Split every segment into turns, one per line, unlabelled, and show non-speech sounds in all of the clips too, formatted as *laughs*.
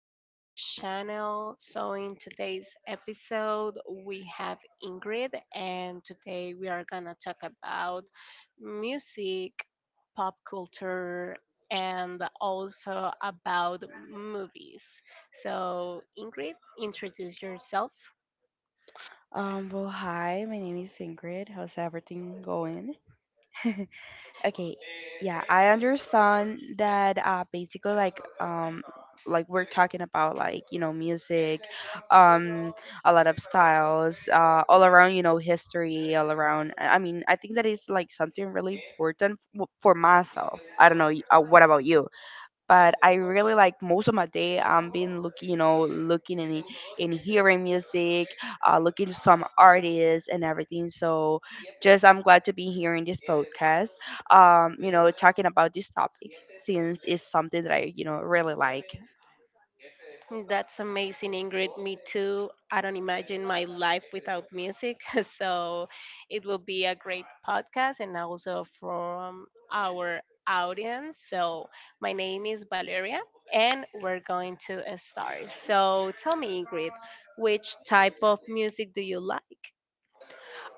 to our channel. So in today's episode, we have Ingrid, and today we are going to talk about music, pop culture, and also about movies. So Ingrid, introduce yourself.
Hi, my name is Ingrid. How's everything going? *laughs* Okay, yeah, I understand that basically like we're talking about like, you know, music, um a lot of styles, all around, you know, history, all around. I mean, I think that is like something really important for myself. I don't know, what about you? But I really like most of my day I'm been looking, you know, looking and hearing music, looking to some artists and everything. So just I'm glad to be here in this podcast, you know, talking about this topic since it's something that I you know really like.
That's amazing, Ingrid. Me too. I don't imagine my life without music. *laughs* So it will be a great podcast and also from our audience. So my name is Valeria, and we're going to start. So tell me, Ingrid, which type of music do you like?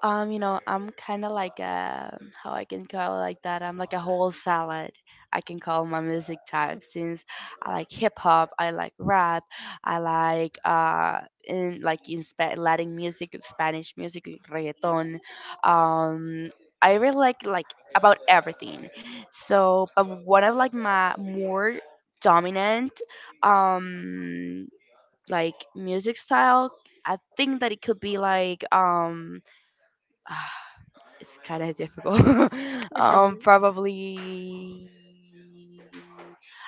You know, I'm kind of like a how I can call it like that. I'm like a whole salad. I can call my music type since I like hip hop, I like rap, I like Latin music, Spanish music, reggaeton. Um, I really like about everything. So, but one of like my more dominant um like music style, I think that it could be like *sighs* it's kind of difficult. *laughs*
*laughs*
Probably.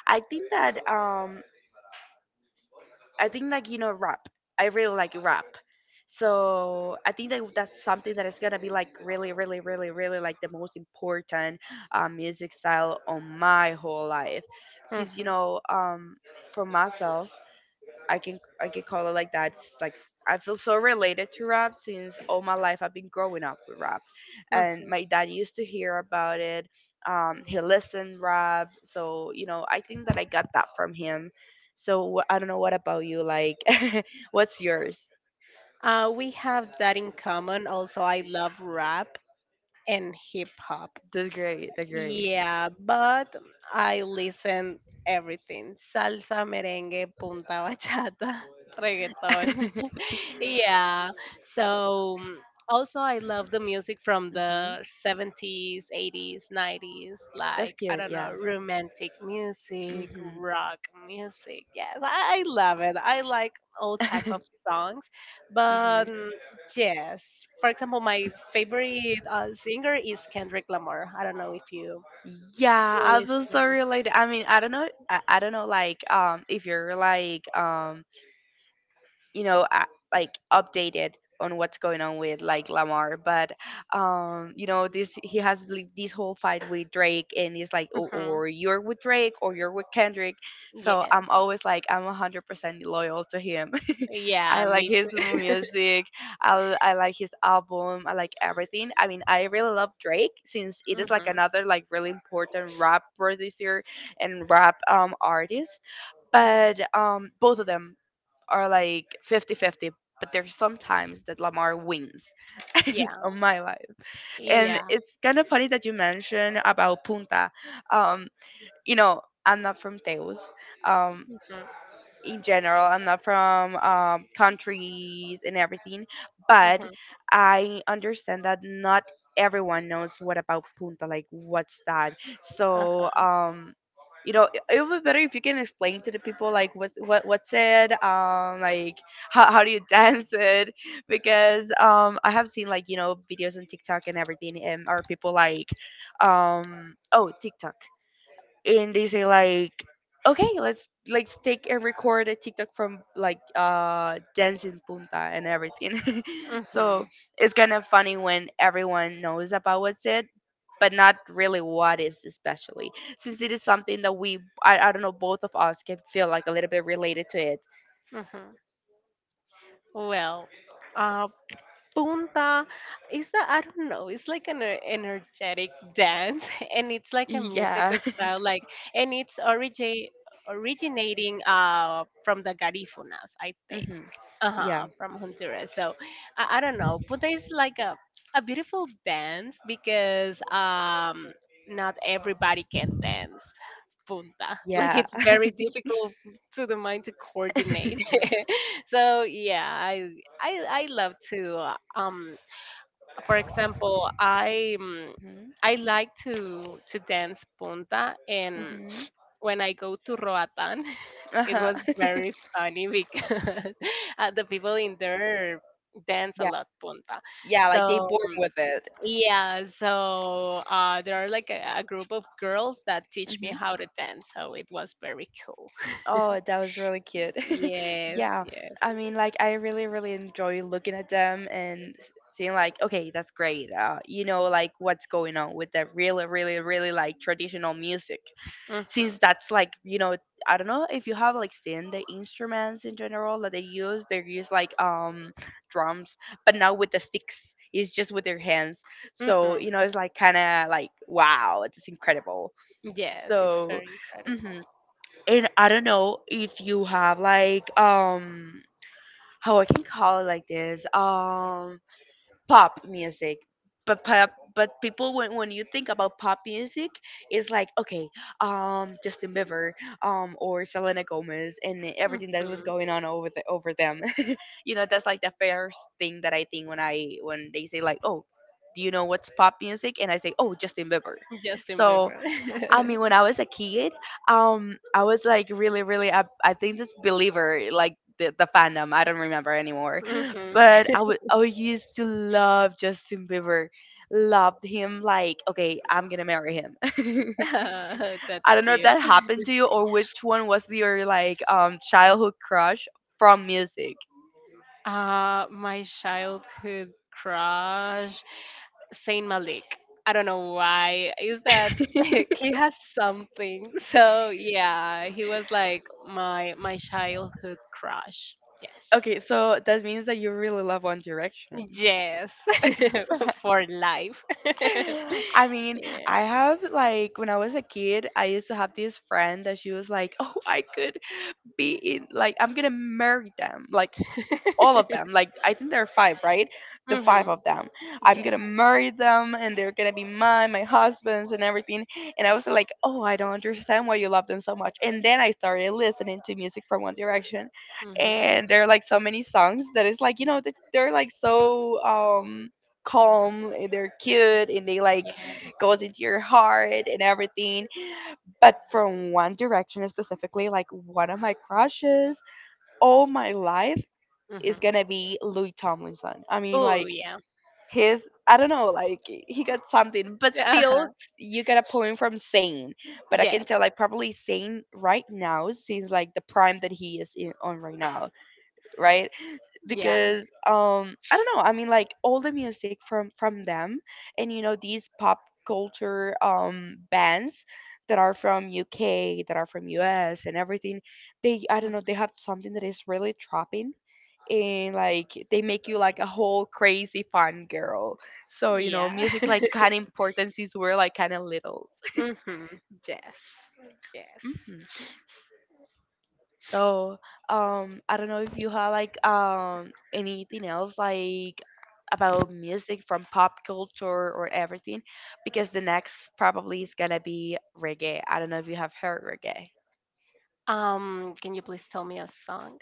I think that I think like you know rap. I really like rap, so I think that that's something that is gonna be like really, really, really, really like the most important music style on my whole life, since you
Mhm,
know for myself. I can call it like that. It's like I feel so related to rap since all my life I've been growing up with rap, and
mhm.
my dad used to hear about it. He listened rap, so you know I think that I got that from him. So I don't know what about you. Like, *laughs* what's yours?
We have that in common. Also, I love rap and hip hop.
That's great. That's great.
Yeah, but I listen everything. Salsa, merengue, punta, bachata, *laughs* reggaeton.
*laughs*
*laughs* Yeah. So also I love the music from
hmm
the 70s, 80s, 90s,
That's
like I
cute.
don't
Yeah.
know, romantic music,
hmm
rock music. Yes, I love it. I like all
*laughs*
type of songs, but
hmm
yes. For example, my favorite singer is Kendrick Lamar. I don't know if you
Yeah, I feel so
listen to
related. I mean, I don't know. I don't know. Like, if you're like, you know like updated on what's going on with like Lamar, but you know this this whole fight with Drake, and it's like
music. Hmm.
or you're with Drake or you're with Kendrick, so
Yes.
I'm always like I'm 100% loyal to him. *laughs*
Yeah,
I like
me
his
too.
music. I like his album, I like everything. I mean I really love Drake since it is like
Hmm.
another like really important rap producer and rap artist, but both of them are like 50-50, but there's sometimes that Lamar wins *laughs*
Yeah.
on my life. And
Yeah.
it's kind of funny that you mentioned about Punta. Um, you know, I'm not from Teus. Um,
Hmm,
in general. I'm not from countries and everything, but
hmm.
I understand that not everyone knows what about Punta, like what's that. So,
Uh-huh.
you know, it would be better if you can explain to the people like what's it, like how do you *laughs* dance it? Because I have seen like you know videos on TikTok and everything, and are people like, oh TikTok and they say like okay let's take and record a tiktok from like dance in punta and everything *laughs* so it's kind of funny when everyone knows about what's it but not really what is especially since it is something that I don't know both of us can feel like a little bit related to it
Hmm, hmm. Well, uh, Punta is the I don't know. It's like an energetic dance, *laughs* and it's like a music
yeah *laughs*
style, like and it's originating from the Garifunas, I think,
hmm
uh
yeah
huh, from Honduras. So I don't know. Punta is like a beautiful dance because not everybody can dance punta *laughs* like
yeah
it's
*laughs*
very difficult to the mind to coordinate. *laughs* So yeah, I love to for example
hmm
I like to dance punta, and
hmm
when I go to Roatan *laughs* it
uh-huh
was very funny because *laughs* the people in there dance
*laughs*
a
yeah
lot punta
yeah like they
so
born with it.
yeah so there are like a group of girls that teach me
Mm-hmm.
how to dance, so it was very cool.
Oh, that was really cute. *laughs*
Yes,
Yeah.
yes.
I mean, like, I really, really enjoy looking at them and seeing, like, okay, that's great. You know, like, what's going on with that really, really, really, like, traditional music. Since
Mhm,
that's, like, you know, I don't know if you have, like, seen the instruments in general that they use. They use, like, drums, but not with the sticks. It's just with their hands. So, you
mhm.
know, it's, like, kind of, like, wow, it's incredible.
Yes, it's
So,
very incredible.
mhm, and I don't know if you have like how I can call it like this pop music, but pop but people when you think about pop music, it's like okay Justin Bieber or Selena Gomez and everything that was
Mhm.
going on over over them, *laughs* you know that's like the first thing that I think when I when they say like oh. Do you know what's pop music? And I say, oh, Justin Bieber.
Justin
So
Bieber.
I
*laughs*
mean, when I was a kid, I was like really, really, I think this believer, like the fandom. I don't remember anymore,
Mhm.
but I used to love Justin Bieber, loved him. Like, okay, I'm gonna marry him. *laughs*
*laughs* That's
I don't know if
cute.
that happened to you or which one was your like childhood crush from music.
My childhood crush, Saint Malik. I don't know why. Is that *laughs*
*laughs*
he has something? *laughs* So yeah, he was like my childhood crush. Yes.
Okay, so that means that you really love One Direction.
Yes. *laughs* For life. *laughs*
*laughs* I mean, I
Yeah.
have like when I was a kid, I used to have this friend that she was like, "Oh, I could be in like I'm gonna marry them. Like all of them. Like I think there are five, right? The five
Mhm.
of them. I'm
Yes.
gonna marry them, and they're gonna be mine, my husbands, and everything." And I was like, oh, I don't understand why you love them so much. And then I started listening to music from One Direction,
Mhm.
and there are like so many songs that it's like you know that they're like so calm and they're cute and they like
Yeah.
goes into your heart and everything, but from one direction specifically like one of my crushes all my life is
Mhm.
gonna be Louis Tomlinson. I mean,
Oh
like
yeah.
his I don't know, like he got something, but
Uh-huh.
still you got a point from Sane. But I can
Yes.
tell like probably Sane right now seems like the prime that he is in, on right now, right?
Yeah.
Because I don't know, I mean like all the music from them, and you know these pop culture bands that are from UK, that are from US and everything, they I don't
Mm.
know, they have something that is really trapping, and like they make you like a whole crazy fun girl. So you know,
Yeah.
music's like
*laughs*
kind of important since we're like kind of littles. *laughs*
Hmm. Yes. Yes.
hmm So I don't know if you have like anything else like about music from pop culture or everything, because the next probably is gonna be reggae. I don't know if you have heard reggae.
Can you please tell me a song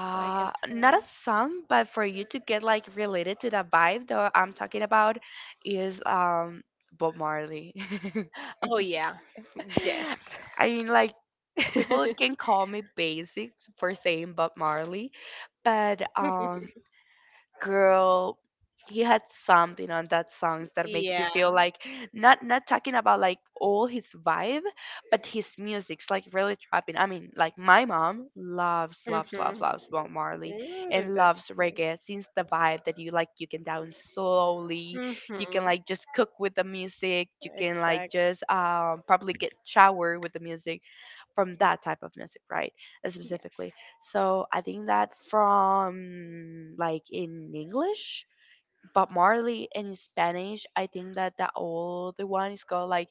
so I can tell
not
you?
a song, but for you to get like related to the vibe that I'm talking about is bob marley.
Oh yeah. Yes.
*laughs* I mean like people
*laughs*
can call me basic for saying bob marley, but girl, he had something on that songs that makes you
Yeah.
feel like not talking about like all his vibe, but his music's like really trapping. I mean like my mom loves loves loves
Mhm.
loves bob marley
Ooh,
and
that's
loves
great.
reggae since the vibe that you like you can down slowly, you can
Mhm.
like just cook with the music, you can like
Exactly.
just probably get shower with the music from that type of music, right?
Yes.
Specifically. So I think that from like in English, Bob Marley, and in Spanish, I think that the old one is called like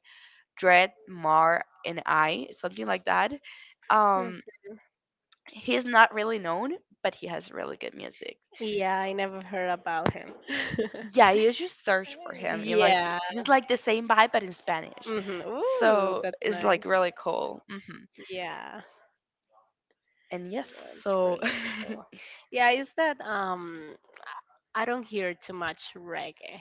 Dread Mar and I, something like that.
Mm.
Um, he's not really known, but he has really good music.
Yeah, I never heard about him. *laughs*
Yeah, you just search for him. You like
Yeah.
it's like the same vibe but in Spanish.
Mhm. Ooh,
So
that's
it's like
nice.
really cool. hmm
Yeah.
And yes,
Yeah, it's
so. *laughs*
really cool. Yeah, is that I don't hear too much reggae.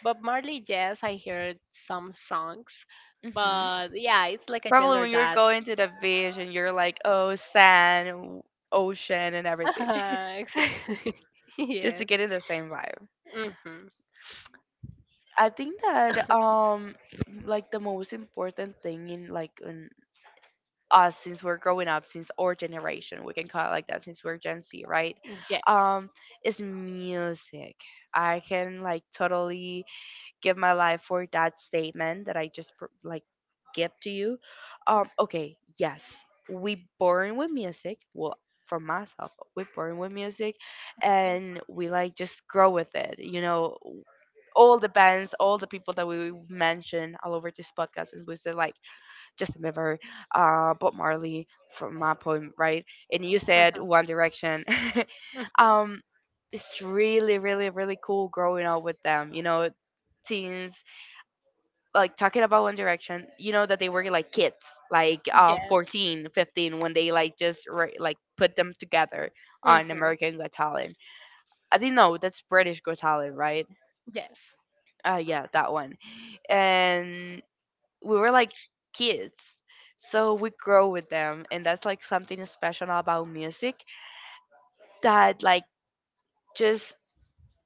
But Marley, yes, I heard some songs.
Mhm.
But yeah, it's like a
Probably
gender
when you're
that. *laughs*
going to the beach and you're like, oh, sand, ocean, and everything,
Exactly. *laughs*
*laughs* just to
Yes.
get in the same vibe.
Hmm.
I think that like the most important thing in like in us since we're growing up, since our generation, we can call it like that, since we're Gen Z, right? Um,
Yes.
is music. I can like totally give my life for that statement that I just like give to you. Okay, yes, we born with music. Well, for myself, we born with music, and we like just grow with it. You know, all the bands, all the people that we mentioned all over this podcast, and we said like Justin Bieber, Bob Marley, from my point, right? And you
Hmm,
said
hmm.
One Direction. *laughs* um, it's really, really, really cool growing up with them. You know, teens like talking about one direction, that they were like kids, like
Yes.
14 15 when they like just like put them together on
Hmm.
american got talent. I didn't know, that's british got talent, right?
Yes.
Yeah, that one. And we were like kids, so we grow with them. And that's like something special about music, that like just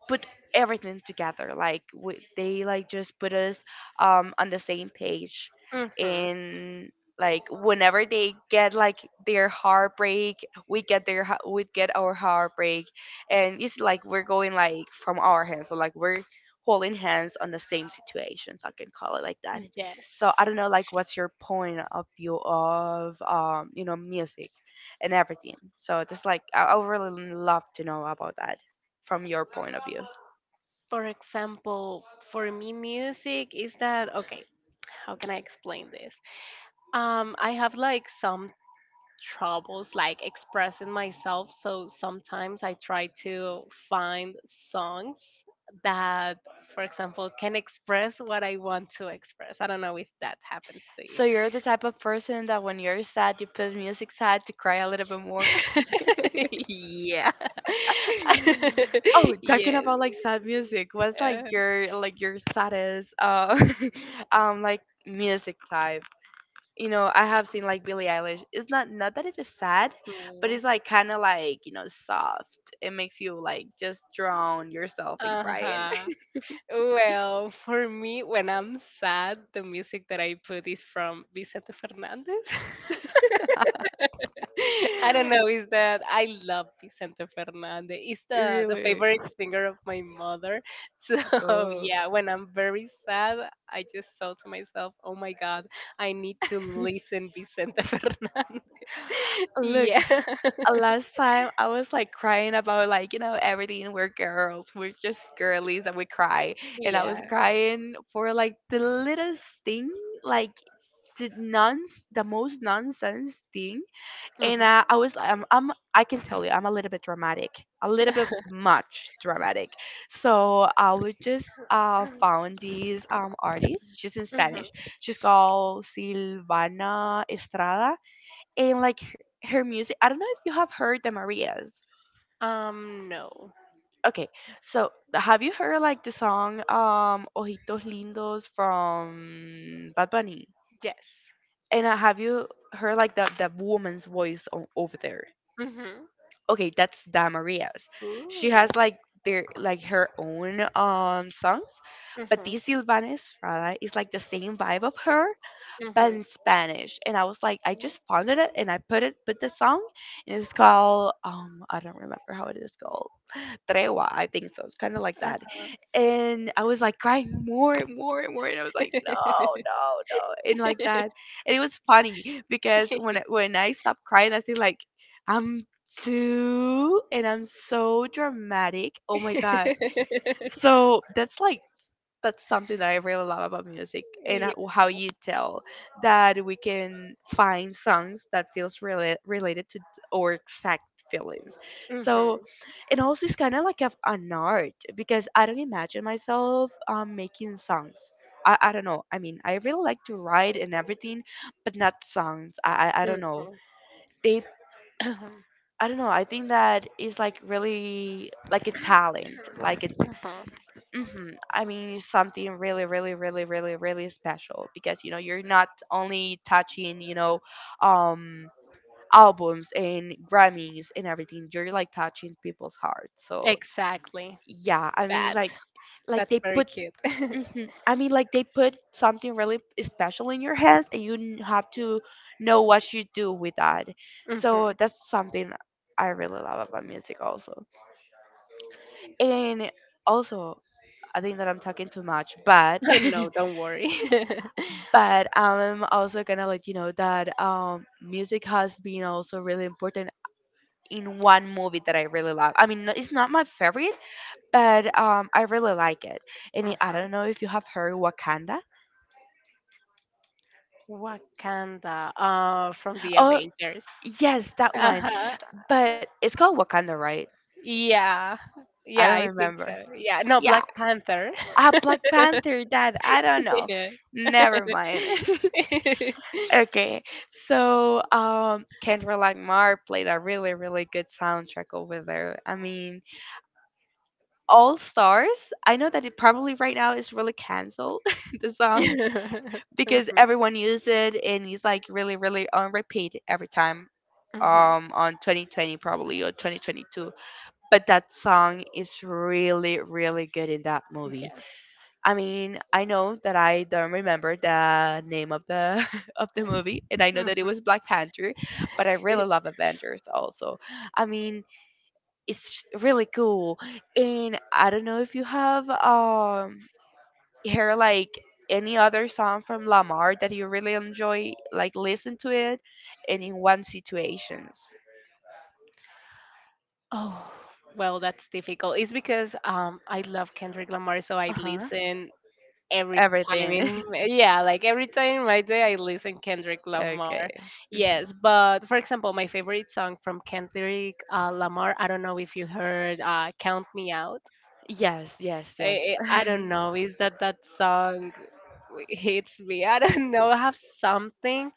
put everything together. Like they like just put us on the same page.
Hmm.
And like whenever they get like their heartbreak, we get their we get our heartbreak, and it's like we're going like from our hands. So like we're holding hands on the same situations. I can call it like that.
Yes.
So I don't know like what's your point of view of music and everything. So just like I would really love to know about that from your point of view.
For example, for me, music is that okay? How can I explain this? I have like some troubles like expressing myself, so sometimes I try to find songs that for example can express what I want to express. I don't know if that happens to you.
So you're the type of person that when you're sad, you put music sad to cry a little bit more.
*laughs* Yeah.
*laughs* Oh,
*laughs*
talking
Yes.
about like sad music, what's
Uh,
like your saddest *laughs* like music type? You know, I have seen like Billie Eilish. It's not, not that it is sad, but
mm.
it's like kind of like, you know, soft. It makes you like just drown yourself in crying.
Uh-huh. Well, for me, when I'm sad, the music that I put is from Vicente Fernandez. *laughs* *laughs* I don't know.
*laughs*
Is that I love Vicente Fernandez. He's the
Really.
favorite singer of my mother. So *laughs*
Oh.
yeah, when I'm very sad, I just thought to myself, "Oh my God, I need to listen Vicente *laughs* Fernandez."
Look,
Yeah. *laughs*
last time I was like crying about like, you know, everything. We're girls, we're just girlies and we cry. And I was
Yeah.
crying for like the littlest thing, like the nonce, the most nonsense thing. And
Mhm.
I was I'm I can tell you I'm a little bit dramatic, a little bit
*laughs*
much dramatic. So I would just found these artist. She's in
Mhm.
Spanish. She's called Silvana Estrada, and like her music. I don't know if you have heard the Marias.
No.
Okay, so have you heard like the song Ojitos Lindos from Bad Bunny?
Yes.
And have you heard like the woman's voice over there?
Mhm.
Okay, that's the Marias.
Ooh.
She has like their like her own songs, but
Mhm.
this Silvana Estrada is like the same vibe of her, but
Mhm.
in Spanish. And I was like, I just found it and I put it, put the song, and it's called I don't remember how it is called. Tregua, I think so. It's kind of like
Uh.
that. And I was like crying more and more and more, and I was like,
*laughs*
no, no, no, and like that. And it was funny because when I stopped crying, I said like, I'm too, and I'm so dramatic. Oh my god. So that's like that's something that I really love about music. And
Yeah.
how you tell that we can find songs that feels really related to our exact feelings. So,
Mhm.
and also it's kind of like an art, because I don't imagine myself making songs. I don't know. I mean, I really like to write and everything, but not songs. I don't know.
Mhm.
They
*clears throat* Mhm.
I don't know. I think that is like really like a talent, like a
Mhm.
I mean, it's something really, really, really, really, really special because, you know, you're not only touching, you know, um, albums and Grammys and everything. You're like touching people's hearts. So
Exactly.
yeah, I mean, it's
That.
like
That's
they
very
put.
cute. *laughs*
I mean, like they put something really special in your hands, and you have to know what you do with that. So
Mhm.
that's something I really love about music, also. And also, I think that I'm talking too much, but *laughs*
*laughs* No, don't worry. *laughs*
but I'm also gonna let you know that music has been also really important in one movie that I really love. I mean, it's not my favorite, but I really like it. And I
Uh-huh.
don't know if you have heard Wakanda.
Wakanda from the
Oh,
Avengers.
yes, that one.
Uh-huh.
But it's called Wakanda, right?
Yeah.
I
Yeah,
don't
I think so.
remember.
Yeah. No,
Yeah,
Black Panther.
ah, Black Panther. That I don't
*laughs*
know.
Yeah. *laughs*
Never mind. *laughs* Okay, so Kendra Lamar played a really, really good soundtrack over there. I mean, All Stars. I know that it probably right now is really canceled, *laughs* the song, because
Mhm,
everyone uses it and it's like really, really on repeat every time
mhm.
on 2020 probably or 2022, but that song is really really good in that movie.
Yes.
I mean, I know that I don't remember the name of the *laughs* of the movie, and I know that it
Mhm.
was black panther, but I really love avengers also. I mean, it's really cool. And I don't know if you have heard like any other song from Lamar that you really enjoy, like listen to it, and in one situations.
Oh, well, that's difficult. It's because I love Kendrick Lamar, so I
Uh huh.
listen every time
Everything.
in yeah like every time in my day I listen Kendrick
*laughs*
Lamar.
Okay. hmm
Yes, but for example, my favorite song from Kendrick Lamar, I don't know if you heard Count Me Out.
Yes. Yes. Yes.
I don't know is that that song hits me. I don't *laughs* know, I have something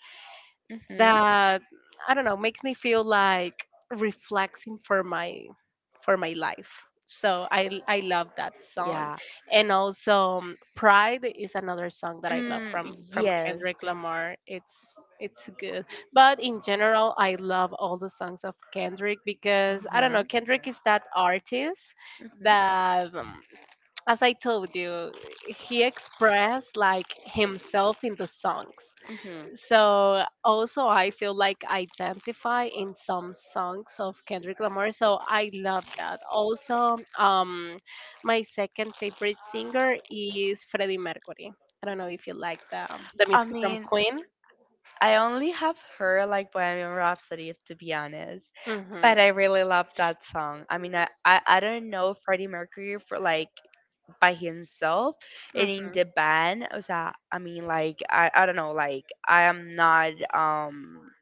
*laughs* hmm
that I don't know makes me feel like reflecting for my life. So I love that song,
Yeah.
and also Pride is another song that I love
Mm,
from
yes.
Kendrick Lamar. It's good, but in general I love all the songs of Kendrick
Uh
because I don't
huh.
know Kendrick is that artist
hmm
that as I told you he expressed like himself in the songs
hmm
so also I feel like I identify in some songs of Kendrick Lamar. So I love that. Also, my second favorite singer is Freddie Mercury. I don't know if you like the
I
music from
mean,
Queen.
I only have heard like Bohemian Rhapsody, to be honest. But
Mhm.
I really love that song. I mean, I don't know Freddie Mercury for like by himself and in
Mhm.
the band. O sea, I mean, like, I don't know, like, I am not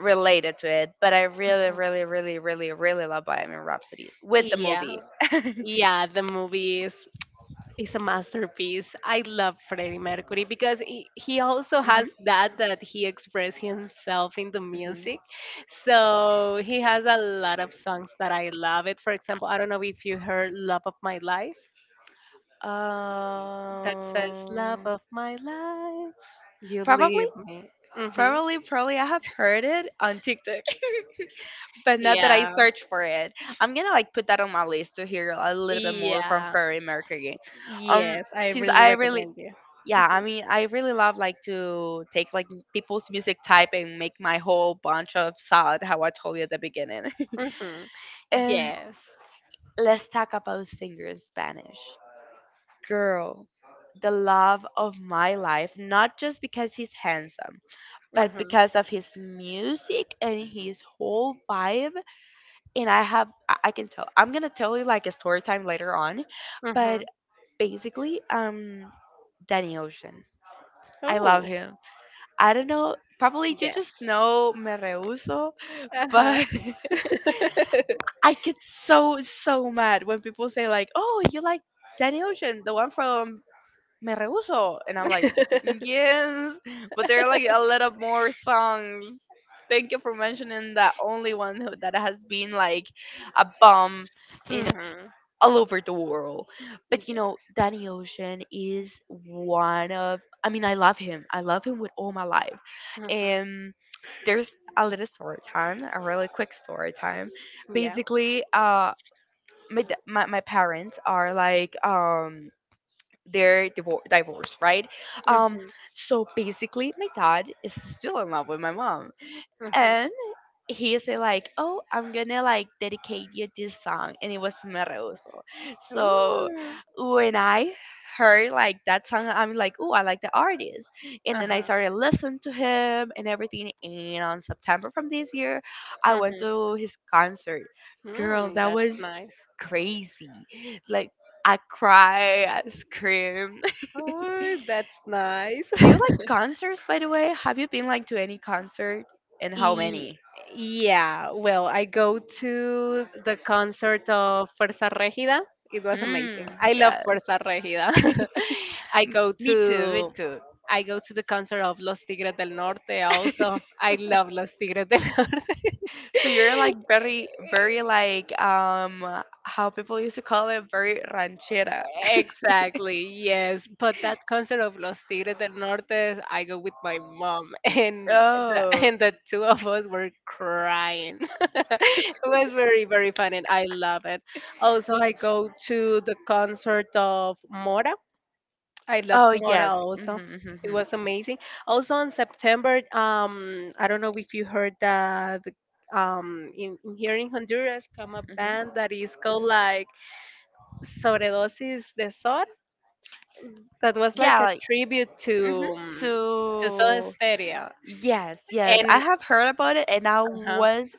related to it, but I really, really, really, really, really love Bohemian Rhapsody with the
Yeah.
movie. *laughs*
Yeah, the movies. It's a masterpiece. I love Freddie Mercury because he also
hmm
has that that he expressed himself in the
hmm
music. So he has a lot of songs that I love it. For example, I don't know if you heard Love of My Life, that says Love
Um,
of My Life, you
probably,
leave me. Mhm.
probably, I have heard it on TikTok. But now that I
Yeah.
search for it, I'm gonna like put that on my list to hear a little bit more from
Yeah.
Freddie Mercury. Um,
Yes, I
since
really
I really,
recommend you.
yeah, I mean, I really love like to take like people's music type and make my whole bunch of salad, how I told you at the beginning.
Mhm.
*laughs* And
Yes.
let's talk about singer in Spanish, girl. The love of my life, not just because he's handsome, but
Mhm.
because of his music and his whole vibe, and I have I can tell I'm gonna tell you like a story time later on, but
Mhm.
basically, Danny Ocean, I love
Oh,
him. I don't know, probably you just
yes.
know me rehuso,
Uh-huh.
but *laughs*
*laughs*
I get so so mad when people say like, oh, you like Danny Ocean, the one from me rehuso, and I'm like, yes, but there are like a lot of more songs. Thank you for mentioning that only one who, that has been like a bomb in
Mhm.
all over the world. But you know,
Yes.
Danny Ocean is one of I mean, I love him. I love him with all my life.
Mhm.
And there's a little story time, a really quick story time.
Yeah.
Basically, my parents are like they're divorced, right? Um
Mhm.
so basically my dad is still in love with my mom.
Mhm.
And he said like, "Oh, I'm gonna like dedicate you this song," and it was Meroso. So
Ooh.
when I heard like that song, I'm like, "Oh, I like the artist," and then I
Uh-huh.
started listening to him and everything. And on September from this year, I went
Mhm.
to his concert. Girl,
Mm,
that
that's
was
nice.
crazy. Like I cry, I scream. *laughs*
Oh, that's nice.
Do you
*laughs*
like concerts, by the way? Have you been like to any concert, and how
Y-
many?
yeah, well, I go to the concert of Fuerza Regida. It was amazing.
Mm,
I love
yeah.
Fuerza Regida. *laughs* I go
Me too, me
to
too.
I go to the concert of Los Tigres del Norte also. I love Los Tigres del *laughs* Norte.
So you're like
*laughs*
very, very like how people used to call it very ranchera.
Exactly, yes. But that concert of Los Tigres del Norte, I go with my mom, *laughs* and
Oh,
and the two of us were crying. *laughs* It was very, very fun, and I love it. Also, I go to the concert of Mora. I love
oh
Mora
yes.
also.
Mm-hmm,
It
mm-hmm,
was amazing. Also in September, I don't know if you heard that in here in Honduras come a
hmm
band that is called like Sobredosis de Sol, that was like
Yeah,
a
like
tribute
mm-hmm.
to Soda
To
Stereo,
yes, yes. I
and
have heard about it, and I
uh-huh,
was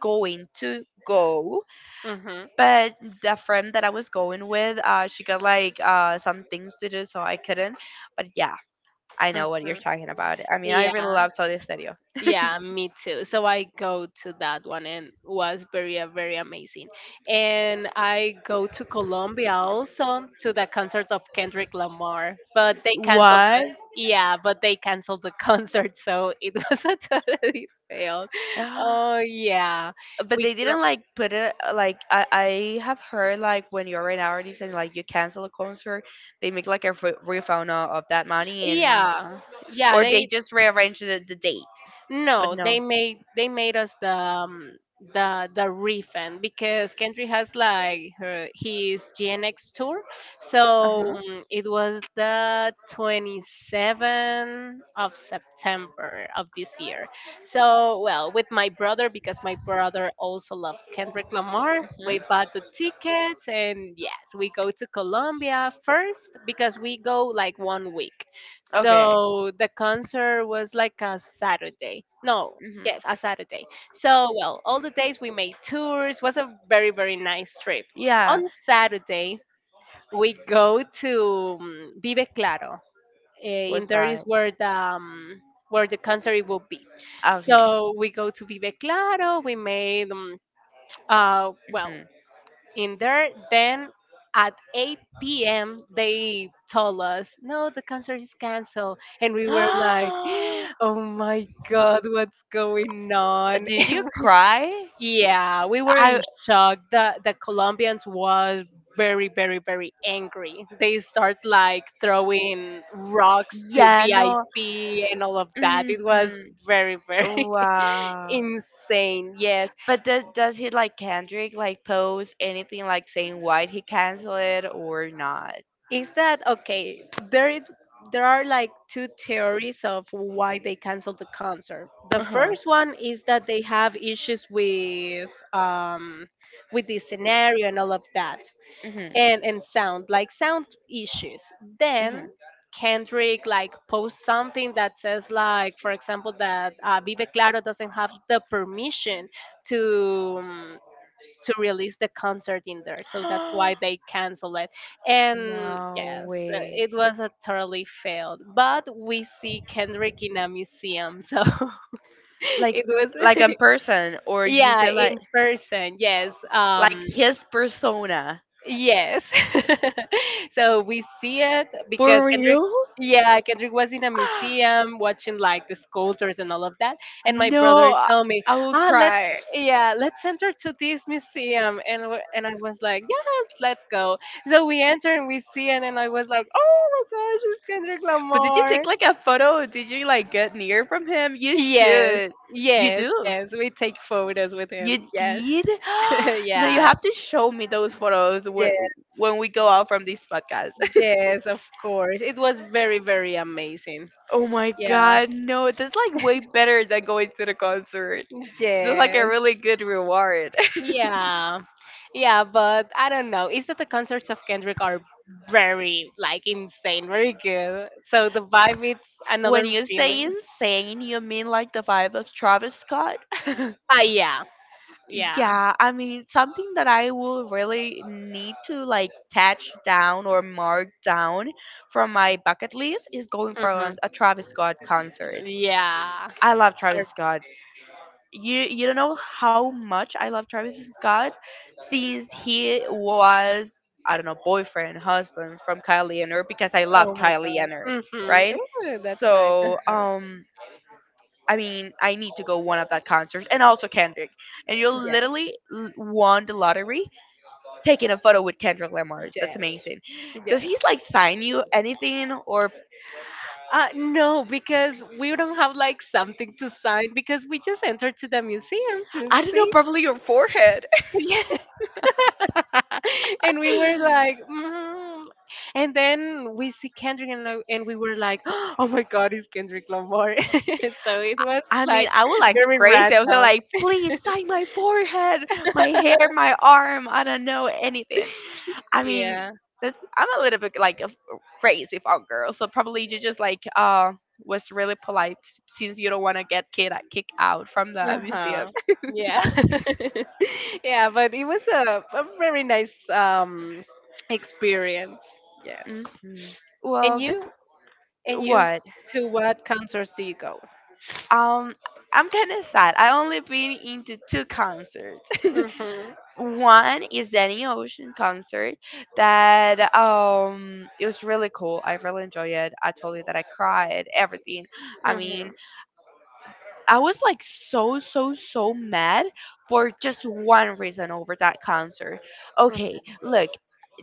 going to go,
mhm,
but the friend that I was going with, she got like some things to do, so I couldn't. But yeah, I know what you're
mhm.
talking about. I mean, I really
Yeah,
love Saudi Stereo.
yeah, me too. So I go to that one, and was very very amazing. And I go to Colombia also to the concert of Kendrick Lamar, but they canceled the
What?
yeah, but they canceled the *laughs* concert, so it *laughs* was a totally fail. Oh
*gasps*
yeah,
But
we
they
go
didn't like put it like I have heard like when you're an artist and like you cancel a concert, they make like a refund of that money, and
yeah yeah
or they
they
just rearrange the date. But
no, they
no.
made us the refund because Kendrick has like her his GNX tour,
Uh
so
huh.
it was the 27th of September of this year. So well, with my brother because my brother also loves Kendrick Lamar,
hmm
we bought the tickets and yes, we go to Colombia first because we go like 1 week.
Okay.
So the concert was like a Saturday. No,
hmm
yes, a Saturday. So, well, all the days we made tours was a very, very nice trip. On
Yeah.
Saturday, we go to Vive Claro. Eh, in
What's
there is
that?
where the concert will be.
Okay.
So we go to Vive Claro. We made well
hmm
in there. Then at 8 p.m., they told us, no, the concert is canceled. And we were like, *gasps*
*gasps*
oh my God, what's going on?
Did you
*laughs*
cry?
Yeah, we were in
I
shock. The Colombians was very, very, very angry. They start like throwing rocks to
Yeah, no.
VIP and all of that. It was
hmm
very, very *laughs*
Wow.
insane. Yes,
But does he like Kendrick like post anything like saying why he canceled it or not?
is that okay there is there are like two theories of why they canceled the concert. The
Uh huh.
first one is that they have issues with the scenario and all of that
Mhm.
and sound like sound issues, then Kendrick like posts something that says like for example that Vive Claro doesn't have the permission to um, to release the concert in there. So that's why
Mhm.
they cancel it.
*gasps*
And
No
yes,
way.
it was a totally failed. But we see Kendrick in a museum. So *laughs*
Like
it was
like in person
*laughs*
or you
yeah,
said
in person. Yes.
like
Um,
his persona
yes. *laughs* So we see it because
for
Kendrick,
real?
yeah, Kendrick was in a
*gasps*
museum watching like the sculptures and all of that. And my brother
no,
told me,
I will
ah, let's,
cry.
yeah, let's enter to this museum. And I was like, yeah, let's go. So we enter and we see it. And I was like, oh my gosh, it's Kendrick
But did you
Lamar.
take like a photo? Did you like get near from him? You
Yes,
should. You do.
yes. We take photos with
You
him. Yes,
did?
*laughs*
*gasps* No, you
yeah,
have to show me those photos
yes.
when we go out from this podcast. *laughs*
Yes, of course. It was very, very amazing.
Oh my
Yeah.
god, no, that's like way better than going to the concert. That's like a
Yes.
really good reward. *laughs*
Yeah. Yeah, but I don't know. It's that the concerts of Kendrick are very like insane, very good. So the vibe it's
When
another
you say
feeling.
insane, you mean like the vibe of Travis Scott? *laughs*
Ah yeah. Yeah.
Yeah, I mean, something that I will really need to like touch down or mark down from my bucket list is going for
Hmm.
a Travis Scott concert.
Yeah.
I love
Or,
Travis Scott. You don't know how much I love Travis Scott since he was, I don't know, boyfriend husband from Kylie Jenner, because I love
oh my
Kylie
god.
Jenner,
Mm-hmm.
right?
Ooh, that's nice.
So
Uh-huh.
I mean, I need to go one of that concerts, and also Kendrick. And you
Yes.
literally won the lottery taking a photo with Kendrick Lamar. That's
Yes.
amazing. Does he
Yes.
like sign you anything, or?
No, because we don't have like something to sign because we just entered to the museum to
I don't know,
see.
probably your forehead.
*laughs* *laughs* And we were
*laughs*
like, mm. And then we see Kendrick and, and we were like, *gasps* oh my God, it's Kendrick Lamar. *laughs* So it was
I mean,
like
I was like
very
crazy. I was
random.
like, please sign my forehead, my hair, my arm. I don't know, anything. I mean,
Yeah.
that's, I'm a little bit like crazy about girl, so probably you just like was really polite since you don't want to get kid like, kicked out from the
Uh huh.
museum.
Yeah. *laughs* Yeah, but it was a very nice experience. Yes.
Hmm.
And
Well, this.
you? And you?
What?
To what concerts do you go?
Um, I'm kind of sad. I only been into two concerts. *laughs*
Mm-hmm,
One is Danny Ocean concert that it was really cool. I really enjoyed it. I told you that I cried, everything. I
mm-hmm,
mean, I was like so so so mad for just one reason over that concert. Okay, look,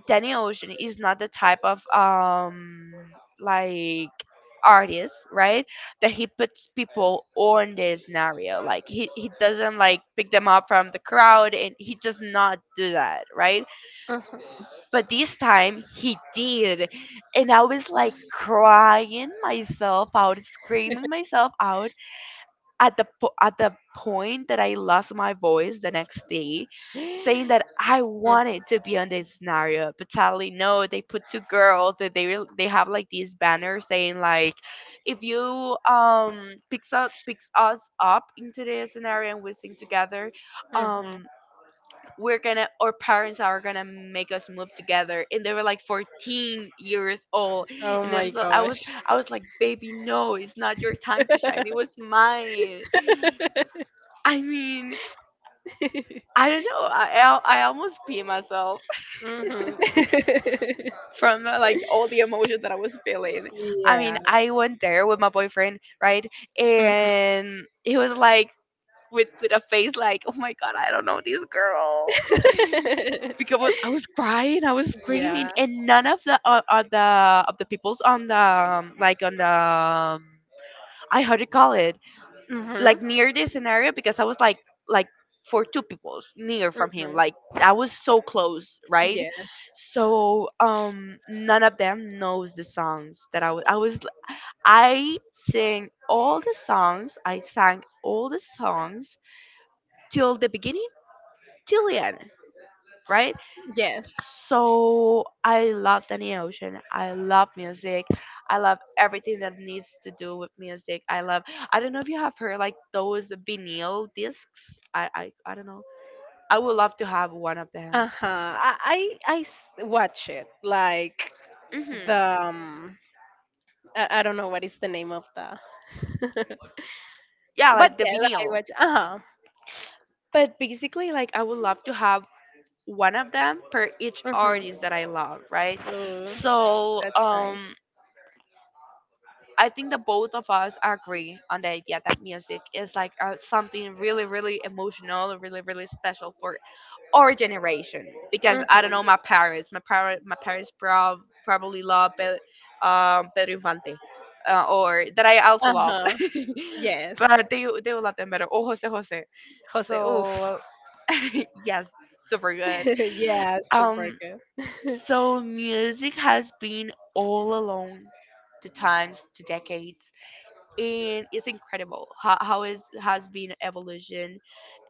Danny Ocean is not the type of like artist, right? That he puts people on the scenario. Like he doesn't like pick them up from the crowd, and he does not do that, right?
mm-hmm.
But this time he did, and I was like crying myself out, screaming myself out at the at the point that I lost my voice the next day, saying that I wanted to be on this scenario, but sadly no. They put two girls and they have like these banners saying like, if you picks us up into this scenario and we sing together,
*gasps* Mm-hmm.
um we're gonna, our parents are gonna make us move together. And they were like 14 years old,
Oh
and then
my
so
gosh.
I was like, baby, no, it's not your time to shine. It was mine. I mean, I don't know. I almost pee myself
Hmm. *laughs*
*laughs* from like all the emotion that I was feeling. I
Yeah.
mean, I went there with my boyfriend, right?
Mhm.
And he was like, with a face like, "Oh my god, I don't know this girl."
*laughs*
Because I was crying, I was
Yeah.
screaming, and none of the of the peoples on the like on the I, how do you call it,
Hmm,
like near this scenario, because I was like for two people near from him.
hmm.
Like I was so close, right?
Yes.
So none of them knows the songs that I sing all the songs. I sang all the songs till the beginning till the end, right?
Yes.
So I love Danny Ocean. I love music. I love everything that needs to do with music. I love. I don't know if you have heard like those vinyl discs. I don't know. I would love to have one of them.
Uh huh. I watch it like
Hmm.
the I don't know what is the name of the *laughs* but
Yeah, like the
yes I
vinyl.
watch. Uh huh.
But basically, like I would love to have one of them per each
Hmm.
artist that I love, right?
Ooh,
So
that's nice.
I think that both of us agree on the idea that music is like something really, really emotional, really, really special for our generation. Because I don't
Hmm.
know, my parents probably love Pedro Infante, or that I also
Uh
love,
huh.
*laughs*
Yes.
but they will love them better. Oh, Jose Jose.
Jose. Oof.
So *laughs* yes, super good.
*laughs* Yeah. Super
Um,
good.
so music has been all along to times, to decades, and it's incredible how it has been evolution,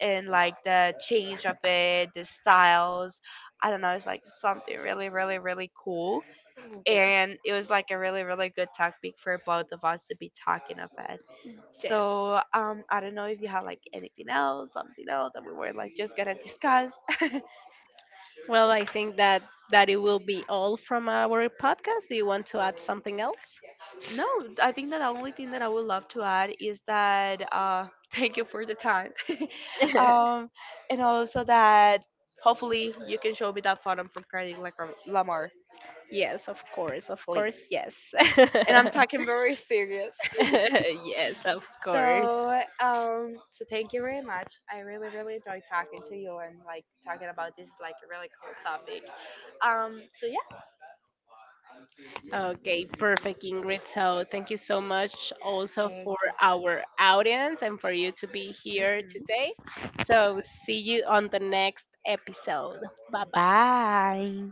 and like the change of it, the styles. I don't know, it's like something really really really cool,
Yes.
and it was like a really really good topic for both of us to be talking of it.
Yes.
So I don't know if you have like anything else, something else that we were like just gonna discuss.
Well, I think that it will be all from our podcast. Do you want to add something else?
No, I think that the only thing that I would love to add is that *laughs* thank you for the time, *laughs*
*laughs*
um, and also that hopefully you can show me that photo from Kendrick like Lamar,
Yes, of course. Of course,
please.
yes.
And I'm
*laughs*
talking very serious.
Yes, of
*laughs*
course.
so, so thank you very much. I really, really enjoyed talking to you and like talking about this like a really cool topic. So yeah,
Okay, perfect, Ingrid. So, thank you so much also for
thank
our audience and for you to be
you.
here
Hmm.
today. So, see you on the next episode. Bye bye.
Bye.